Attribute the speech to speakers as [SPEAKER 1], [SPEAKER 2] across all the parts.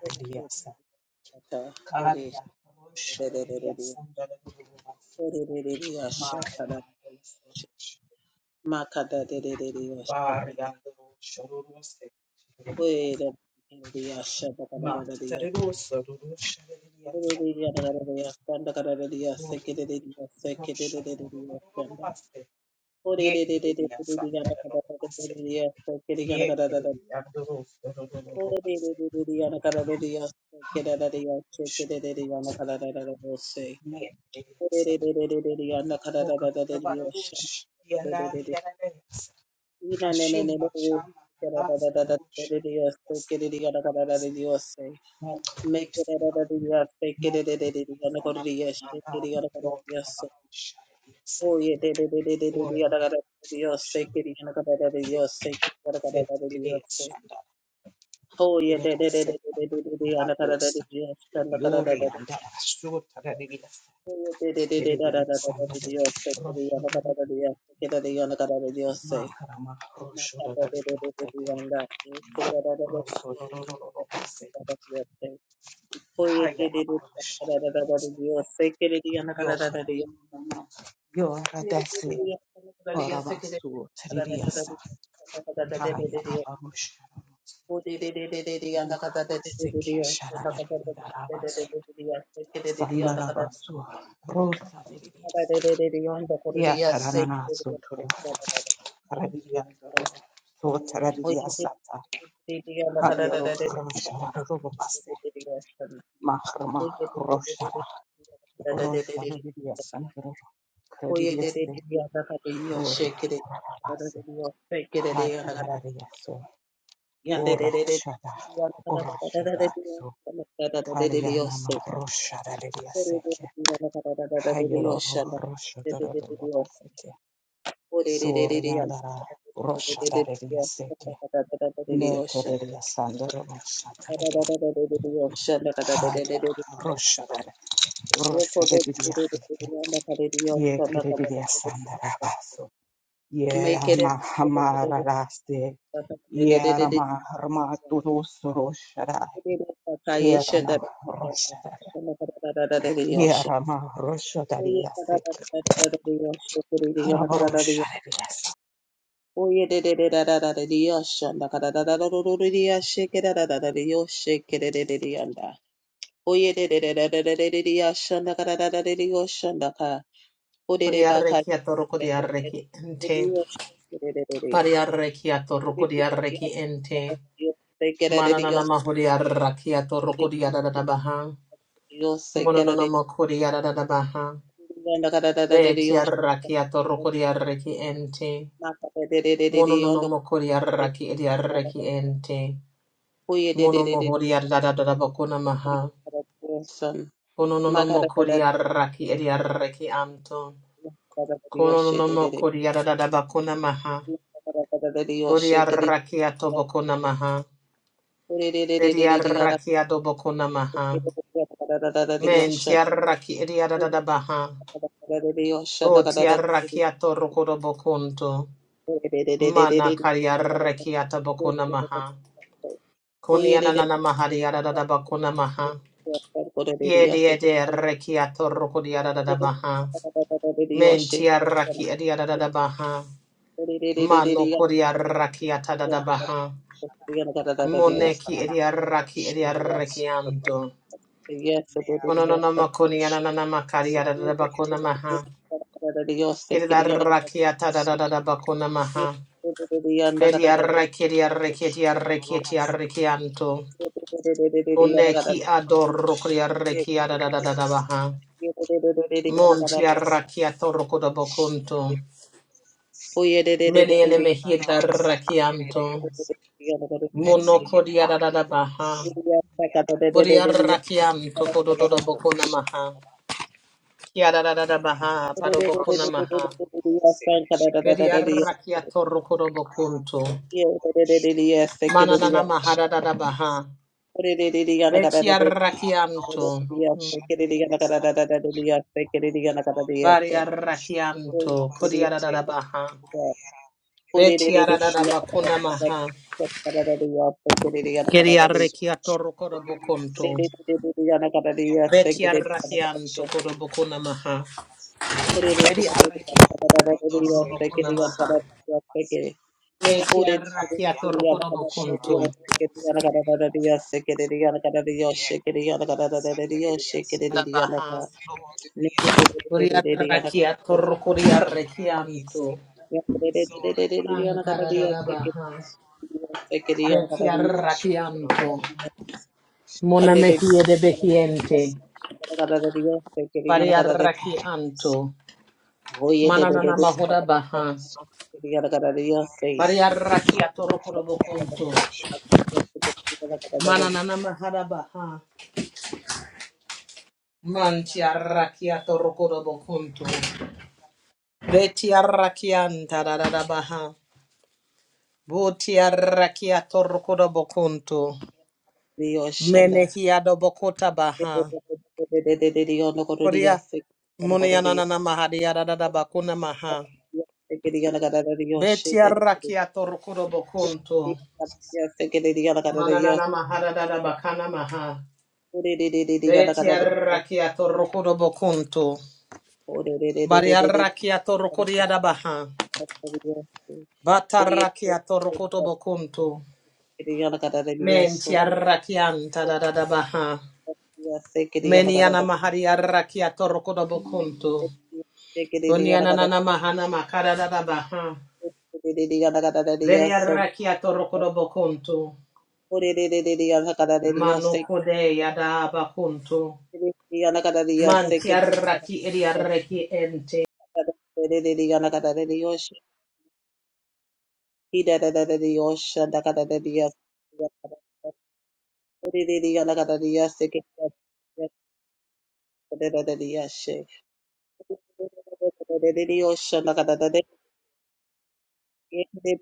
[SPEAKER 1] Shata Kori Dedededede Kori Ashakada Makada Dededede Ashata Kori Dededede Ashata Kada Dededede Ashata Oh, yeah, Dios, Oye, Make it a Oye de de de de de de de de de yashanda kada da da de de yoshanda Orere bakar.
[SPEAKER 2] Bariarreki atoroko diarreki ente.
[SPEAKER 1] Dios, orere.
[SPEAKER 2] Bariarreki atoroko diarreki
[SPEAKER 1] Dios,
[SPEAKER 2] ente.
[SPEAKER 1] se quiere
[SPEAKER 2] Mananana
[SPEAKER 1] Dios.
[SPEAKER 2] mahodiarraki atoroko diaradabaha.
[SPEAKER 1] Dios, se quiere
[SPEAKER 2] Mononona
[SPEAKER 1] Dios.
[SPEAKER 2] makodiaradabaha.
[SPEAKER 1] No cara de Dios. No
[SPEAKER 2] Betiarraki atoroko diarreki ente.
[SPEAKER 1] cara de Dios.
[SPEAKER 2] Mononona
[SPEAKER 1] No se
[SPEAKER 2] makodiarraki ediarreki ente.
[SPEAKER 1] Oye, de de
[SPEAKER 2] Mono
[SPEAKER 1] de de.
[SPEAKER 2] mohodiaradadabakona maha.
[SPEAKER 1] Son.
[SPEAKER 2] Kononono
[SPEAKER 1] Ma cara de
[SPEAKER 2] makodiarraki ediarreki anto.
[SPEAKER 1] Dios, de
[SPEAKER 2] Kononono
[SPEAKER 1] de de.
[SPEAKER 2] makodiaradabakona maha.
[SPEAKER 1] Dios, se quiere
[SPEAKER 2] Bodiarraki atobakona maha.
[SPEAKER 1] Dios.
[SPEAKER 2] Bediaraki adoboko namaha.
[SPEAKER 1] Yes,
[SPEAKER 2] Men tiaraki ediadadabaha. Bo tiaraki atorokodobokunto. Mana kariaraki ataboko namaha. Kunianananamaha diadadabako namaha. Yediede reki atorokodiadadabaha. Men tiaraki ediadadabaha. Mano koriaraki atadadabaha. Moneki ediaraki ediaraki anto. Konononomakonianananamakariadadabako namaha. Kirila rakiata da da da da bakuna maha. Peria rekiria
[SPEAKER 1] Yes,
[SPEAKER 2] rekitia rekitia rekianto. Kone ki adoro kuria rekia da da da da da baha. Montia rakiato rokoda bokunto. Mene ene mehir da rakianto. Mono kodia da da da baha. Boria rakianto kodo do do bokuna maha. Kia da da da da baha. Bado bokuna maha. Peria rakiato rokoda bokunto. Manana mahara da da baha. Beti arrakianto. Bari arrakianto. Kodi aradabaha.
[SPEAKER 1] Thank
[SPEAKER 2] Beti aradabakuna maha. Kedi arrekiato rokodobokonto. Beti arrakianto kodobokuna maha. Kedi arrekiato rokodobokuna maha. Beti arrakiato rokodobokonto. Dabaha. Kodi arrakiato rokodi arrekianto. Kankaradabaha. Beti arrakianto.
[SPEAKER 1] you.
[SPEAKER 2] Mona
[SPEAKER 1] Pandit
[SPEAKER 2] mehie de behiente. Variarraki anto.
[SPEAKER 1] Hoye de de
[SPEAKER 2] Mananana mahoda baha. Variarraki atorokoro bokonto. Mananana mahada baha. Manti arraki atorokoro bokonto. Beti arraki anta da da da baha. Boti arraki atorokoro bokonto. Menehi adobokota baha. Korea. Munianana mahadi da da da bakuna maha.
[SPEAKER 1] de
[SPEAKER 2] Beti
[SPEAKER 1] de
[SPEAKER 2] arraki atorokoro bokonto. Mananana mahadada bakana maha. Betiarrakiato rokodo bokunto. Bari Bariarrakiato rokodiada baha.
[SPEAKER 1] de Yes,
[SPEAKER 2] Bata Batarrakiato rokodo bokunto. Menti Mentiarrakianta da da da baha. Meniana mahariarrakiato rokodo bokunto. Kuniana nana mahana makara da da baha. Beriarrakiato rokodo bokunto. Manokode yada bakunto. Mantiarraki eriarreki ente.
[SPEAKER 1] Yes,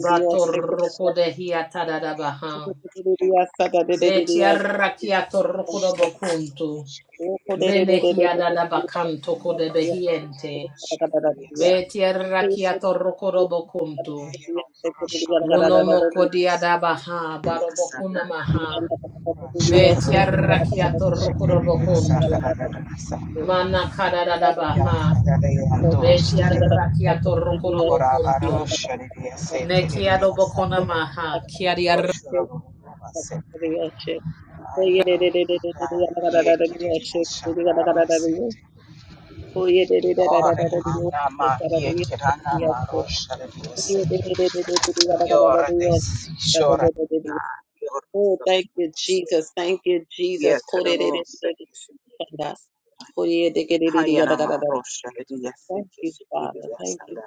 [SPEAKER 2] Batoroko de hiatadadabaha. Betiarrakiatoroko do bokuntu.
[SPEAKER 1] Dios,
[SPEAKER 2] Mene hiadadabakanto kode behiente. Betiarrakiatoroko do bokuntu. Munomoko baha. barobokuna maha. Betiarrakiatoroko do bokuntu. Manakadadabaha. Betiarrakiatoroko do bokuntu. Nekiado bokona maha. Kiadiarrakiato.
[SPEAKER 1] Oh, thank you, Jesus. Thank you, Jesus. Thank you, Father. Thank you,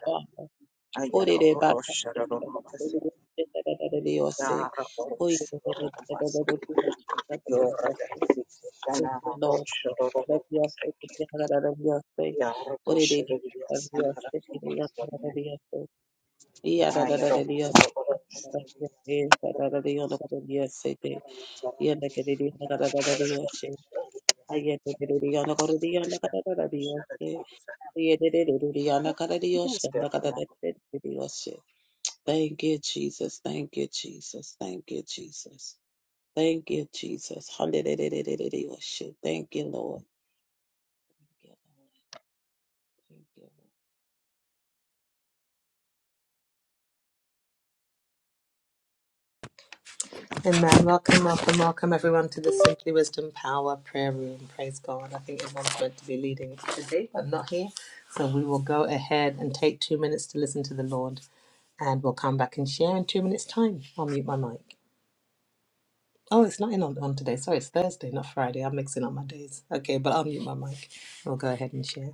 [SPEAKER 1] Father. Lord, Arabia, Arabia, say, what it is, Arabia, taking up Arabia, say, Yarabia, Arabia, say, yeah, Arabia, say, I get the Diana Cordiana Caradio, Yedidiana Caradio, Shandakadadio. Thank you, Jesus. Thank you, Jesus. Thank you, Jesus. Thank you, Jesus. Hallelujah. Thank you, Lord. Thank you, Lord.
[SPEAKER 2] Amen. Welcome, welcome, welcome everyone to the Simply Wisdom Power Prayer Room. Praise God. I think everyone's meant to be leading today, but not here. So we will go ahead and take two minutes to listen to the Lord and we'll come back and share in two minutes' time. I'll mute my mic. Oh, it's not in on, on today. Sorry, it's Thursday, not Friday. I'm mixing up my days. Okay, but I'll mute my mic. We'll go ahead and share.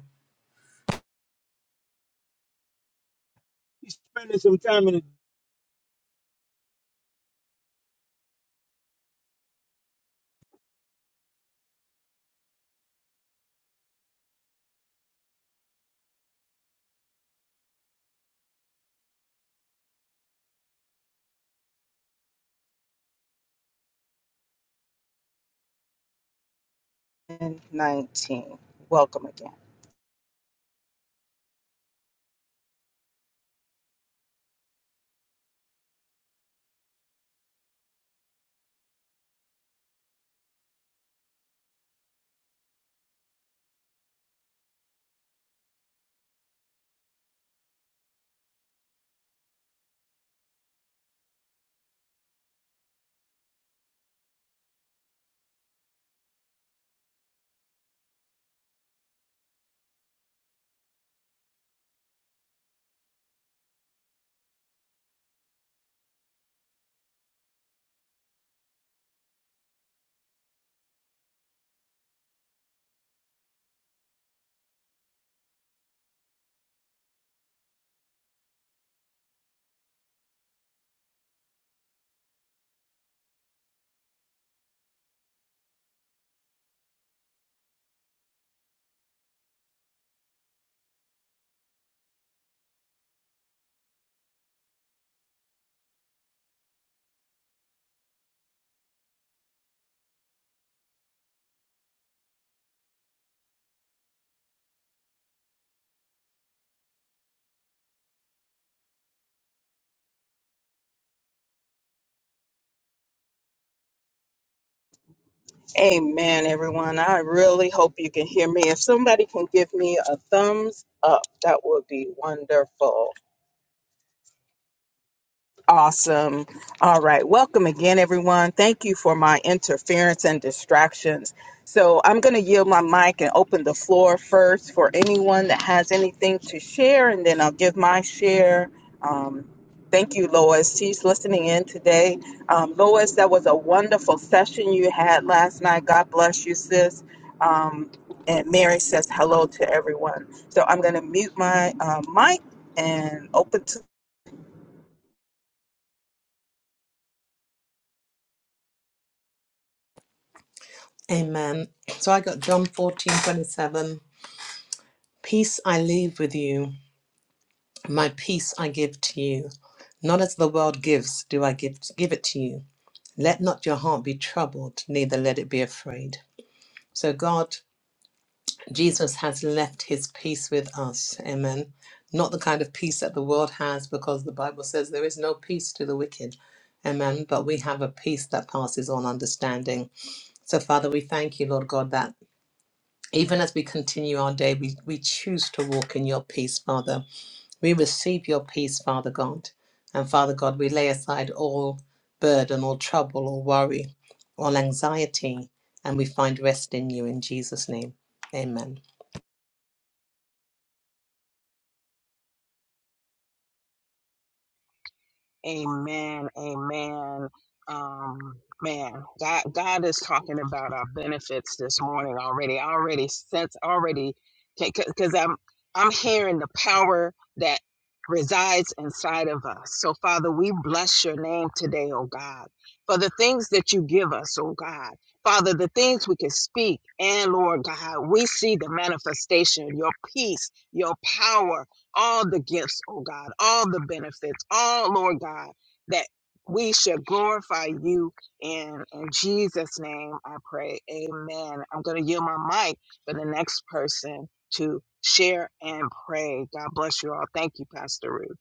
[SPEAKER 2] Amen. So I got John 14 27. Peace I leave with you, My peace I give to you. Not as the world gives, do I give, give it to you. Let not your heart be troubled, neither let it be afraid. So, God, Jesus has left his peace with us. Amen. Not the kind of peace that the world has, because the Bible says there is no peace to the wicked. Amen. But we have a peace that passes all understanding. So, Father, we thank you, Lord God, that even as we continue our day, we, we choose to walk in your peace, Father. We receive your peace, Father God. And Father God, we lay aside all burden, all trouble, all worry, all anxiety, and we find rest in you in Jesus' name. Amen.
[SPEAKER 3] Amen. Amen. Um, man, God, God is talking about our benefits this morning already. I already sense already because I'm I'm hearing the power that resides inside of us. So Father, we bless your name today, oh God, for the things that you give us, oh God. Father, the things we can speak and Lord God, we see the manifestation, your peace, your power, all the gifts, oh God, all the benefits, all, Lord God, that we should glorify you in. In Jesus' name, I pray. Amen. I'm going to yield my mic for the next person to share and pray. God bless you all. Thank you, Pastor Ruth.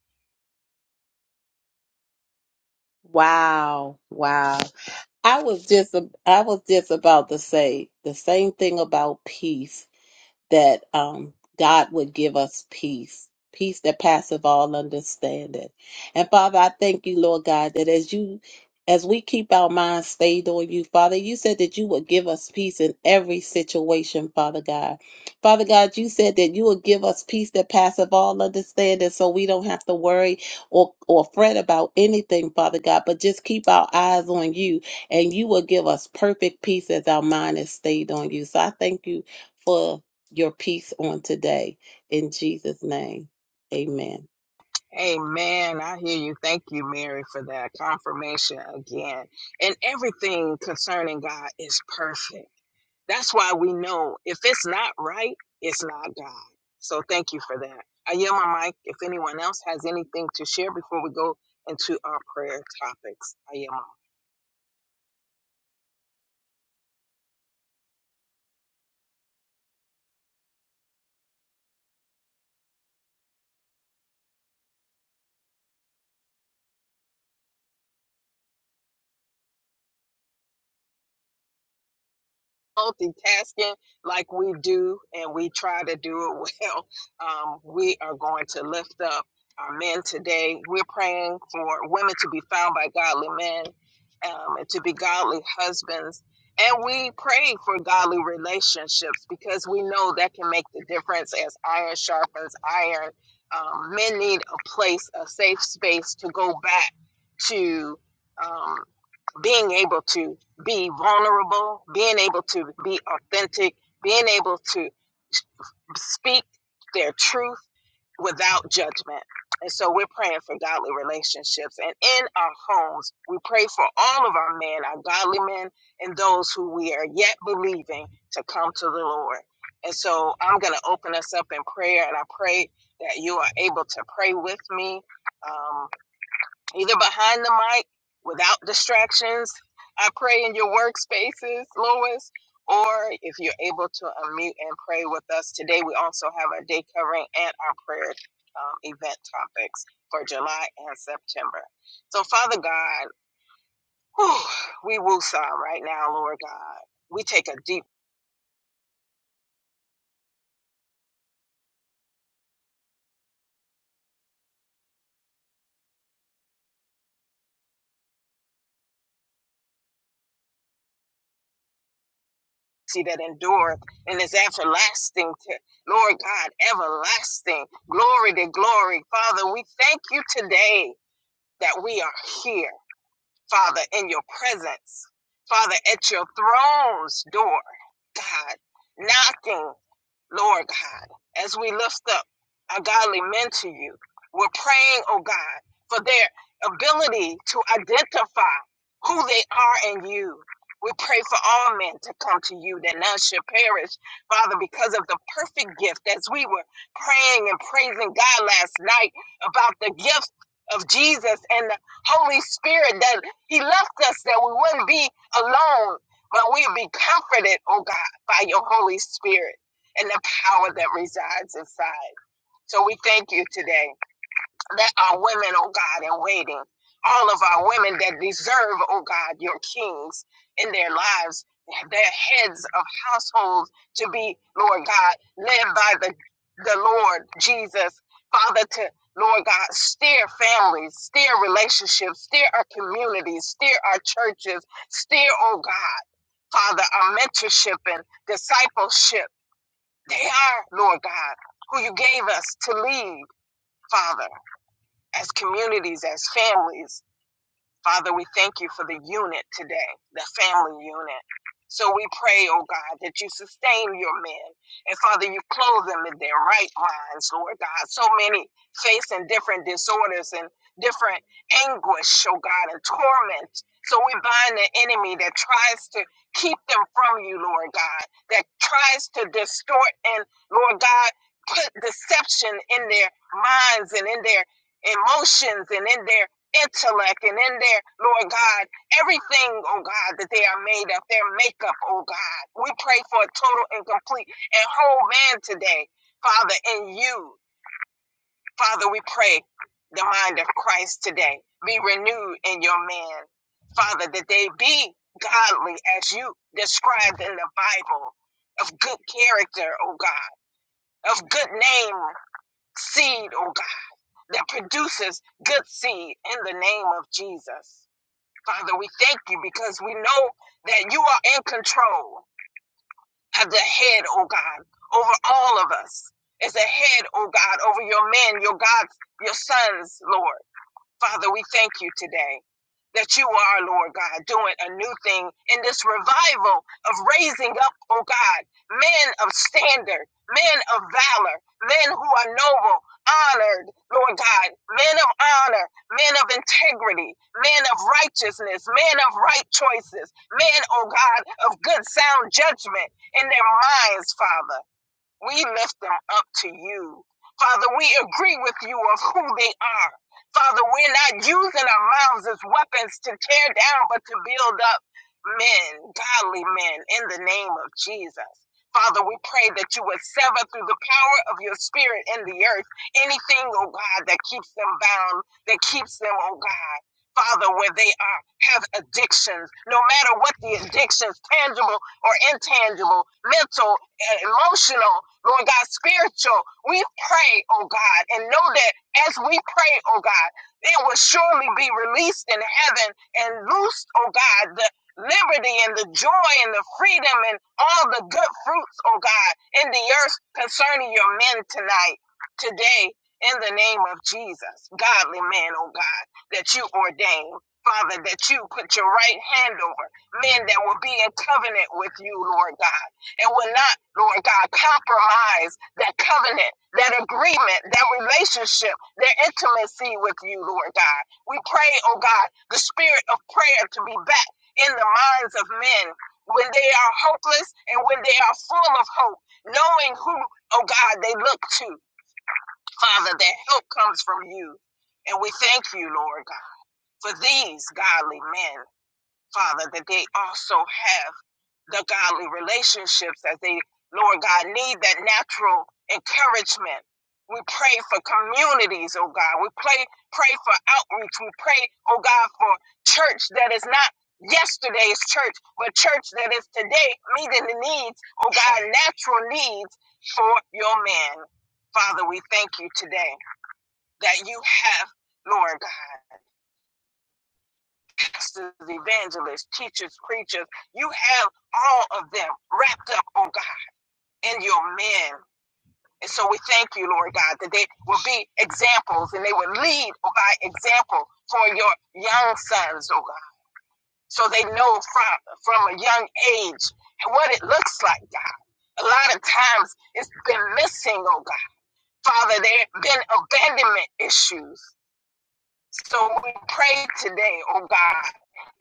[SPEAKER 1] Wow, wow. I was just I was just about to say the same thing about peace. that um, God would give us peace, peace that passeth all understanding. And Father, I thank you, Lord God, that as you as we keep our minds stayed on you, Father, you said that you would give us peace in every situation, Father God. Father God, you said that you would give us peace that passeth all understanding so we don't have to worry or, or fret about anything, Father God, but just keep our eyes on you and you will give us perfect peace as our mind is stayed on you. So I thank you for your peace on today. In Jesus' name, amen.
[SPEAKER 3] Amen. I hear you. Thank you, Mary, for that confirmation again. And everything concerning God is perfect. That's why we know if it's not right, it's not God. So thank you for that. I yield my mic if anyone else has anything to share before we go into our prayer topics. I yield my mic. multitasking like we do and we try to do it well, um, we are going to lift up our men today. We're praying for women to be found by godly men um, and to be godly husbands. And we pray for godly relationships because we know that can make the difference as iron sharpens iron. Um, men need a place, a safe space to go back to um, being able to be vulnerable, being able to be authentic, being able to speak their truth without judgment. And so we're praying for godly relationships. And in our homes, we pray for all of our men, our godly men, and those who we are yet believing to come to the Lord. And so I'm going to open us up in prayer, and I pray that you are able to pray with me. Um, either behind the mic without distractions. I pray in your workspaces, Lois, or if you're able to unmute and pray with us today. We also have our day covering and our prayer um, event topics for July and September. So, Father God, whew, we woo on right now, Lord God. We take a deep see that endureth and is everlasting to Lord God, everlasting. Glory to glory. Father, we thank you today that we are here Father, in your presence, Father, at your throne's door, God, knocking, Lord God, as we lift up our godly men to you. We're praying, oh God, for their ability to identify who they are in you. We pray for all men to come to you that none should perish, Father, because of the perfect gift. As we were praying and praising God last night about the gift of Jesus and the Holy Spirit that. He left us that we wouldn't be alone, but we'd be comforted, oh God, by your Holy Spirit and the power that resides inside. So we thank you today that are women, oh God, in waiting. All of our women that deserve, oh God, your kings in their lives, their heads of households to be, Lord God, led by the, the Lord Jesus, Father, to, Lord God, steer families, steer relationships, steer our communities, steer our churches, steer, oh God, Father, our mentorship and discipleship. They are, Lord God, who you gave us to lead, Father as communities, as families, Father, we thank you for the unit today, the family unit. So we pray, oh God, that you sustain your men. And Father, you clothe them in their right minds, Lord God. So many facing different disorders and different anguish, oh God, and torment. So we bind the enemy that tries to keep them from you, Lord God, that tries to distort and, Lord God, put deception in their minds and in their emotions and in their intellect and in their, Lord God, everything, oh God, that they are made of, their makeup, oh God. We pray for a total and complete and whole man today, Father, in you. Father, we pray the mind of Christ today be renewed in your man, Father, that they be godly as you described in the Bible, of good character, oh God, of good name, seed, oh God, that produces good seed in the name of Jesus. Father, we thank you because we know that you are in control of the head, oh God, over all of us. As a head, oh God, over your men, your gods, your sons, Lord. Father, we thank you today that you are, Lord God, doing a new thing in this revival of raising up, oh God, men of standard, men of valor, men who are noble, honored, Lord God, men of honor, men of integrity, men of righteousness, men of right choices, men, oh God, of good sound judgment in their minds, Father. We lift them up to you. Father, we agree with you of who they are. Father, we're not using our mouths as weapons to tear down, but to build up men, godly men, in the name of Jesus. Father, we pray that you would sever through the power of your spirit in the earth anything, oh God, that keeps them bound, that keeps them, oh God. Father, where they are, have addictions, no matter what the addictions, tangible or intangible, mental and emotional, Lord God, spiritual. We pray, oh God, and know that as we pray, oh God, it will surely be released in heaven and loosed, oh God, the liberty and the joy and the freedom and all the good fruits, oh God, in the earth concerning your men tonight, today, in the name of Jesus, godly men, oh God, that you ordain. Father, that you put your right hand over men that will be in covenant with you, Lord God and will not, Lord God, compromise that covenant, that agreement, that relationship, that intimacy with you, Lord God. We pray, oh God, the spirit of prayer to be back in the minds of men when they are hopeless and when they are full of hope, knowing who, oh God, they look to. Father, that help comes from you. And we thank you, Lord God, for these godly men, Father, that they also have the godly relationships as they, Lord God, need that natural encouragement. We pray for communities, oh God. We pray, pray for outreach. We pray, oh God, for church that is not yesterday's church, but church that is today meeting the needs, oh God, natural needs for your man. Father, we thank you today that you have, Lord God, pastors, evangelists, teachers, preachers, you have all of them wrapped up, oh God in your men. And so we thank you, Lord God, that they will be examples and they will lead by example for your young sons, oh God. So they know from from a young age what it looks like, God. A lot of times it's been missing, oh God. Father, there have been abandonment issues. So we pray today, oh God,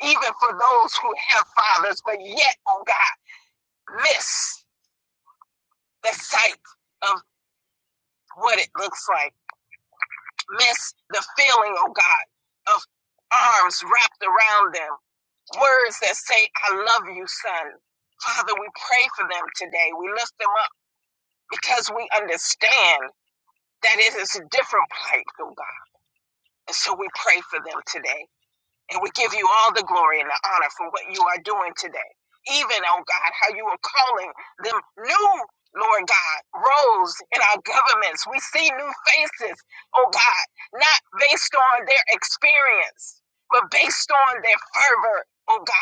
[SPEAKER 3] even for those who have fathers, but yet, oh God, miss the sight of what it looks like. miss the feeling, oh God, of arms wrapped around them, words that say, I love you, son. Father, we pray for them today. We lift them up because we understand that it is a different plight, oh God. And so we pray for them today. And we give you all the glory and the honor for what you are doing today. Even, oh God, how you are calling them new, Lord God, roles in our governments. We see new faces, oh God, not based on their experience, but based on their fervor, oh God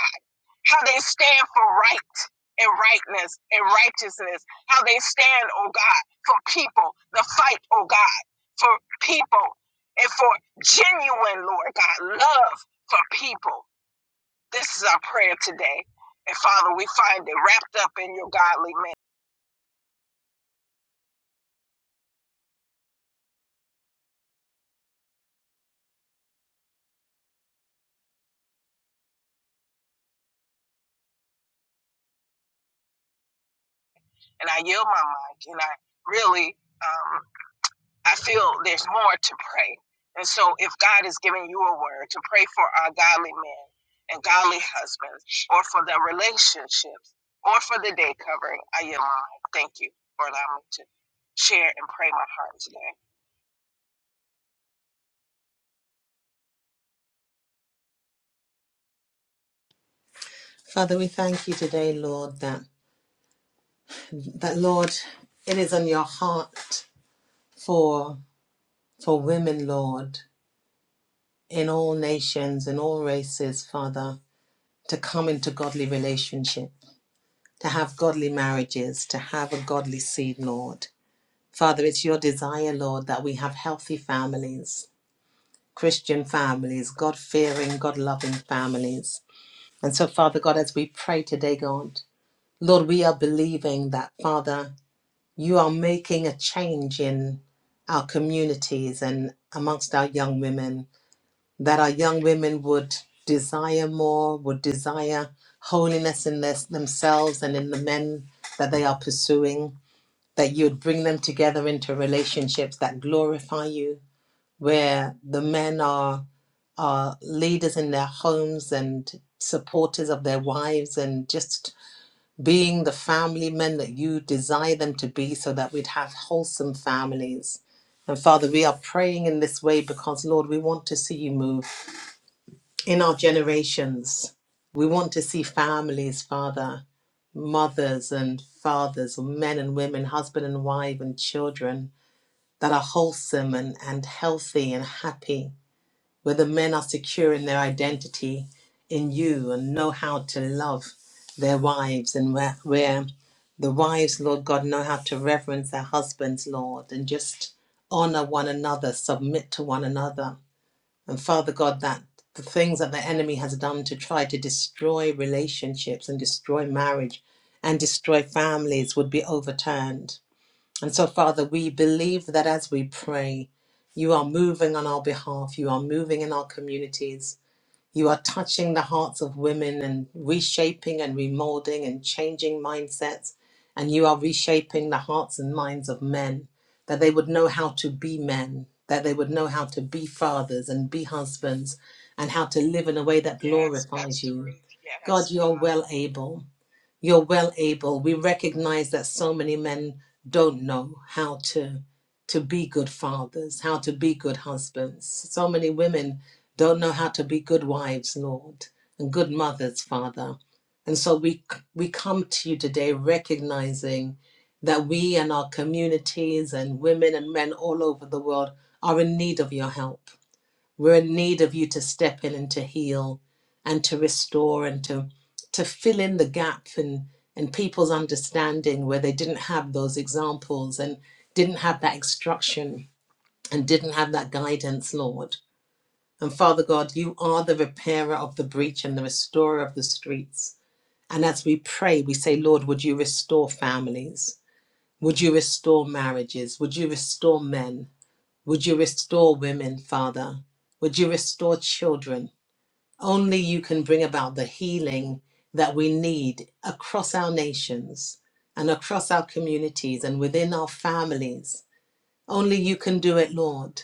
[SPEAKER 3] how they stand for right and rightness and righteousness, how they stand, oh God, for people, the fight, oh God, for people and for genuine, Lord God, love for people. This is our prayer today. And Father, we find it wrapped up in your godly man. And I yield my mic and I really. um, I feel there's more to pray. And so if God is giving you a word to pray for our godly men and godly husbands, or for their relationships, or for the day covering, I am mine. thank you for allowing me to share and pray my heart today.
[SPEAKER 2] Father, we thank you today, Lord, that that Lord, it is on your heart for for women, Lord, in all nations in all races, Father, to come into godly relationship, to have godly marriages, to have a godly seed, Lord. Father, it's your desire, Lord, that we have healthy families, Christian families, God fearing, God loving families. And so, Father God, as we pray today, God, Lord, we are believing that, Father, you are making a change in our communities and amongst our young women, that our young women would desire more, would desire holiness in their, themselves and in the men that they are pursuing that you would bring them together into relationships that glorify you, where the men are are leaders in their homes and supporters of their wives and just being the family men that you desire them to be so that we'd have wholesome families. And Father, we are praying in this way because Lord, we want to see you move in our generations. We want to see families, Father, mothers and fathers, men and women, husband and wife and children that are wholesome and, and healthy and happy, where the men are secure in their identity in you and know how to love their wives, and where, where the wives, Lord God, know how to reverence their husbands, Lord, and just honor one another, submit to one another. And Father God, that the things that the enemy has done to try to destroy relationships and destroy marriage and destroy families would be overturned and so, Father, we believe that as we pray, you are moving on our behalf, you are moving in our communities, you are touching the hearts of women and reshaping and remolding and changing mindsets, and you are reshaping the hearts and minds of men, that they would know how to be men, that they would know how to be fathers and be husbands, and how to live in a way that
[SPEAKER 3] Yes,
[SPEAKER 2] glorifies
[SPEAKER 3] Pastor
[SPEAKER 2] you.
[SPEAKER 3] Ruth. Yes,
[SPEAKER 2] God, you are
[SPEAKER 3] God.
[SPEAKER 2] well able you're well able. We recognize that so many men don't know how to to be good fathers, how to be good husbands. So many women don't know how to be good wives, Lord, and good mothers, Father. And so we we come to you today recognizing that we and our communities and women and men all over the world are in need of your help we're in need of you to step in and to heal and to restore and to to fill in the gap in in people's understanding where they didn't have those examples and didn't have that instruction and didn't have that guidance, Lord. And Father God, you are the repairer of the breach and the restorer of the streets. And as we pray, we say, Lord, would you restore families? Would you restore marriages? Would you restore men? Would you restore women, Father? Would you restore children? Only you can bring about the healing that we need across our nations and across our communities and within our families. Only you can do it, Lord.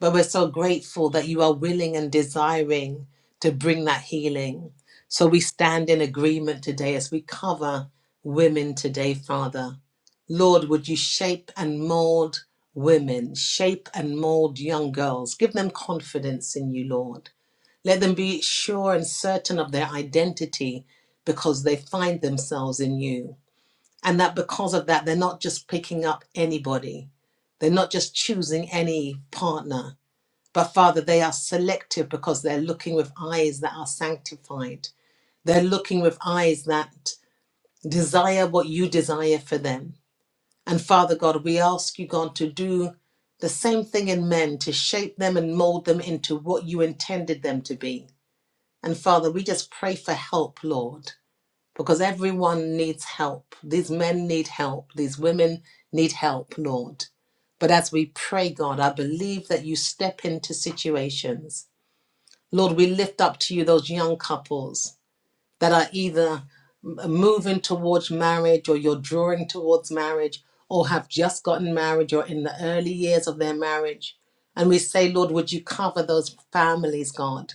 [SPEAKER 2] But we're so grateful that you are willing and desiring to bring that healing. So we stand in agreement today as we cover women today, Father. Lord, would you shape and mold women, shape and mold young girls? Give them confidence in you, Lord. Let them be sure and certain of their identity because they find themselves in you. And that because of that, they're not just picking up anybody, they're not just choosing any partner but Father, they are selective because they're looking with eyes that are sanctified. They're looking with eyes that desire what you desire for them. And Father God, we ask you, God, to do the same thing in men, to shape them and mold them into what you intended them to be. And Father, we just pray for help, Lord, because everyone needs help. These men need help. These women need help, Lord. But as we pray, God, I believe that you step into situations Lord, we lift up to you those young couples that are either moving towards marriage or you're drawing towards marriage or have just gotten married or in the early years of their marriage. And we say, Lord, would you cover those families, God?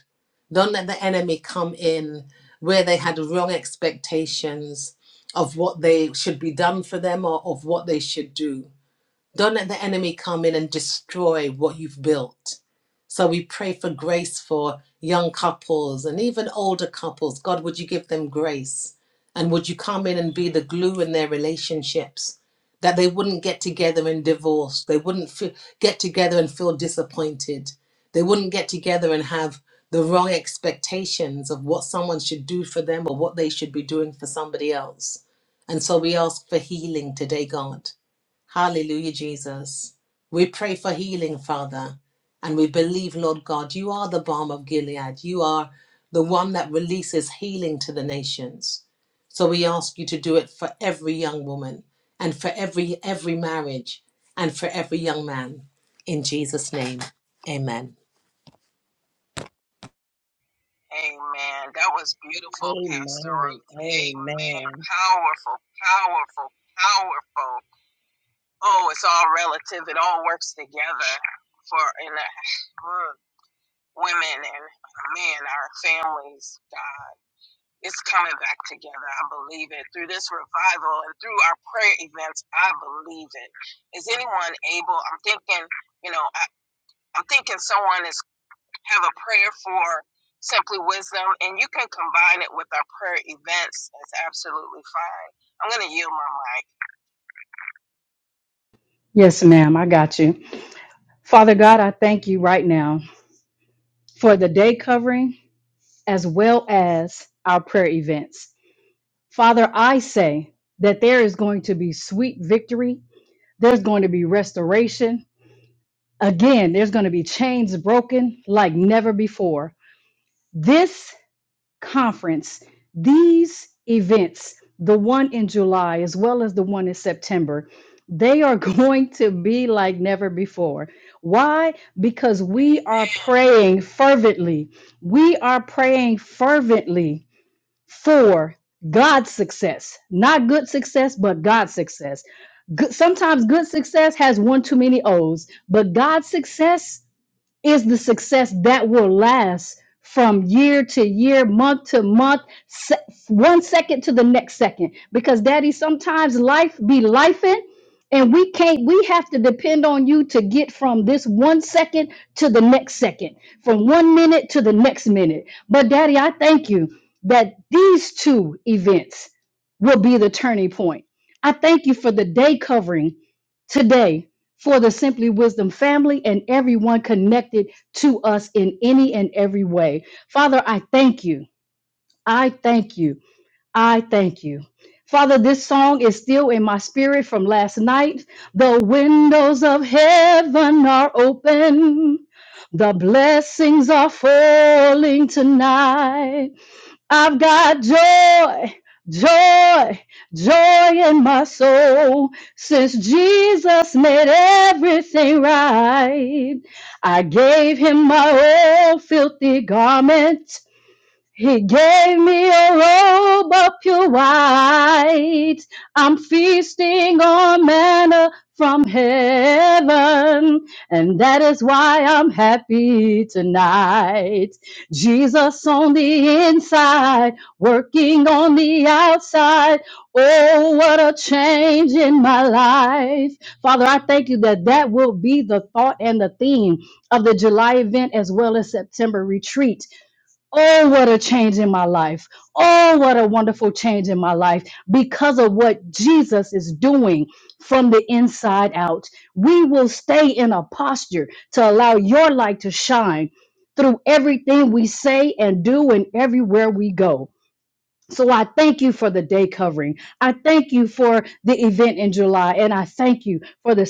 [SPEAKER 2] Don't let the enemy come in where they had wrong expectations of what they should be done for them or of what they should do. Don't let the enemy come in and destroy what you've built. So we pray for grace for young couples and even older couples. God, would you give them grace? And would you come in and be the glue in their relationships? That they wouldn't get together and divorce. They wouldn't fe- get together and feel disappointed. They wouldn't get together and have the wrong expectations of what someone should do for them or what they should be doing for somebody else. And so we ask for healing today, God Hallelujah, Jesus. We pray for healing, Father. And we believe, Lord God, you are the balm of Gilead. You are the one that releases healing to the nations. So we ask you to do it for every young woman and for every every marriage and for every young man. In Jesus' name. Amen.
[SPEAKER 3] Amen. That was beautiful, Pastor
[SPEAKER 1] Amen.
[SPEAKER 3] Ruth. Amen.
[SPEAKER 1] Amen.
[SPEAKER 3] Powerful, powerful, powerful. Oh, it's all relative. It all works together for in that. women and men, our families, God, it's coming back together. I believe it. Through this revival and through our prayer events, I believe it. Is anyone able? I'm thinking, you know, I, I'm thinking someone is have a prayer for simply wisdom, and you can combine it with our prayer events. That's absolutely fine. I'm going to yield my mic.
[SPEAKER 4] Yes, ma'am. I got you. Father God, I thank you right now for the day covering as well as our prayer events. Father, I say that there is going to be sweet victory, there's going to be restoration. Again, there's going to be chains broken like never before. This conference, these events, the one in July as well as the one in September, they are going to be like never before. Why? Because we are
[SPEAKER 3] Amen.
[SPEAKER 4] praying fervently. We are praying fervently for God's success, not good success, but God's success. Good, sometimes good success has one too many O's, but God's success is the success that will last from year to year, month to month, se- one second to the next second. Because, Daddy, sometimes life be lifing, and we can't. We have to depend on you to get from this one second to the next second, from one minute to the next minute. But, Daddy, I thank you that these two events will be the turning point. I thank you for the day covering today for the Simply Wisdom family and everyone connected to us in any and every way. Father, I thank you. I thank you. I thank you. Father, this song is still in my spirit from last night. The windows of heaven are open. The blessings are falling tonight. I've got joy, joy, joy in my soul. Since Jesus made everything right, I gave him my old filthy garment. He gave me a robe of pure white. I'm feasting on manna from heaven, and that is why I'm happy tonight. Jesus on the inside, working on the outside. Oh, what a change in my life. Father, I thank you that that will be the thought and the theme of the July event as well as September retreat Oh, what a change in my life. Oh, what a wonderful change in my life because of what Jesus is doing from the inside out. We will stay in a posture to allow your light to shine through everything we say and do and everywhere we go. So I thank you for the day covering. I thank you for the event in July and I thank you for the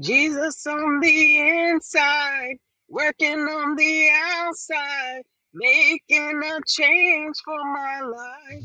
[SPEAKER 3] Jesus on the inside, working on the outside, making a change for my life.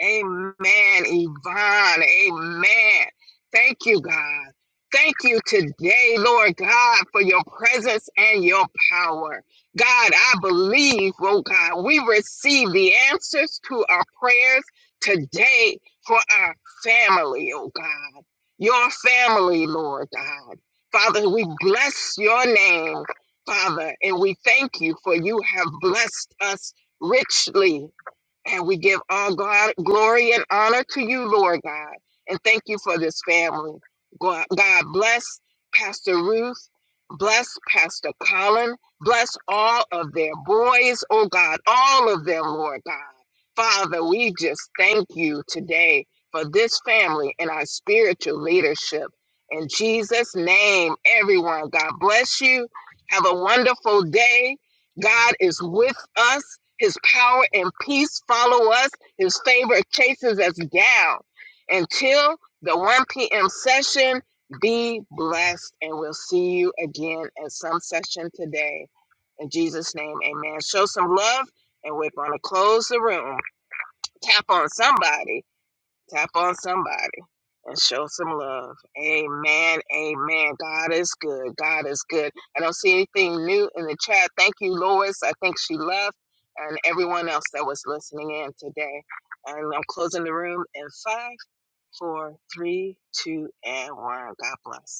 [SPEAKER 3] Amen, Yvonne. Amen. Thank you, God. Thank you today, Lord God, for your presence and your power. God, I believe, oh God, we receive the answers to our prayers today for our family, oh God. Your family, Lord God. Father, we bless your name, Father, and we thank you for you have blessed us richly. And we give all God, glory and honor to you, Lord God. And thank you for this family. God God bless Pastor Ruth. Bless Pastor Colin. Bless all of their boys, oh God, all of them, Lord God. Father, we just thank you today for this family and our spiritual leadership. In Jesus' name, everyone, God bless you. Have a wonderful day. God is with us. His power and peace follow us. His favor chases us down. Until the 1 p.m. session, be blessed, and we'll see you again at some session today. In Jesus' name, amen. Show some love, and we're going to close the room. Tap on somebody Tap on somebody and show some love. Amen. Amen. God is good. God is good. I don't see anything new in the chat. Thank you, Lois. I think she left and everyone else that was listening in today. And I'm closing the room in five, four, three, two, and one. God bless.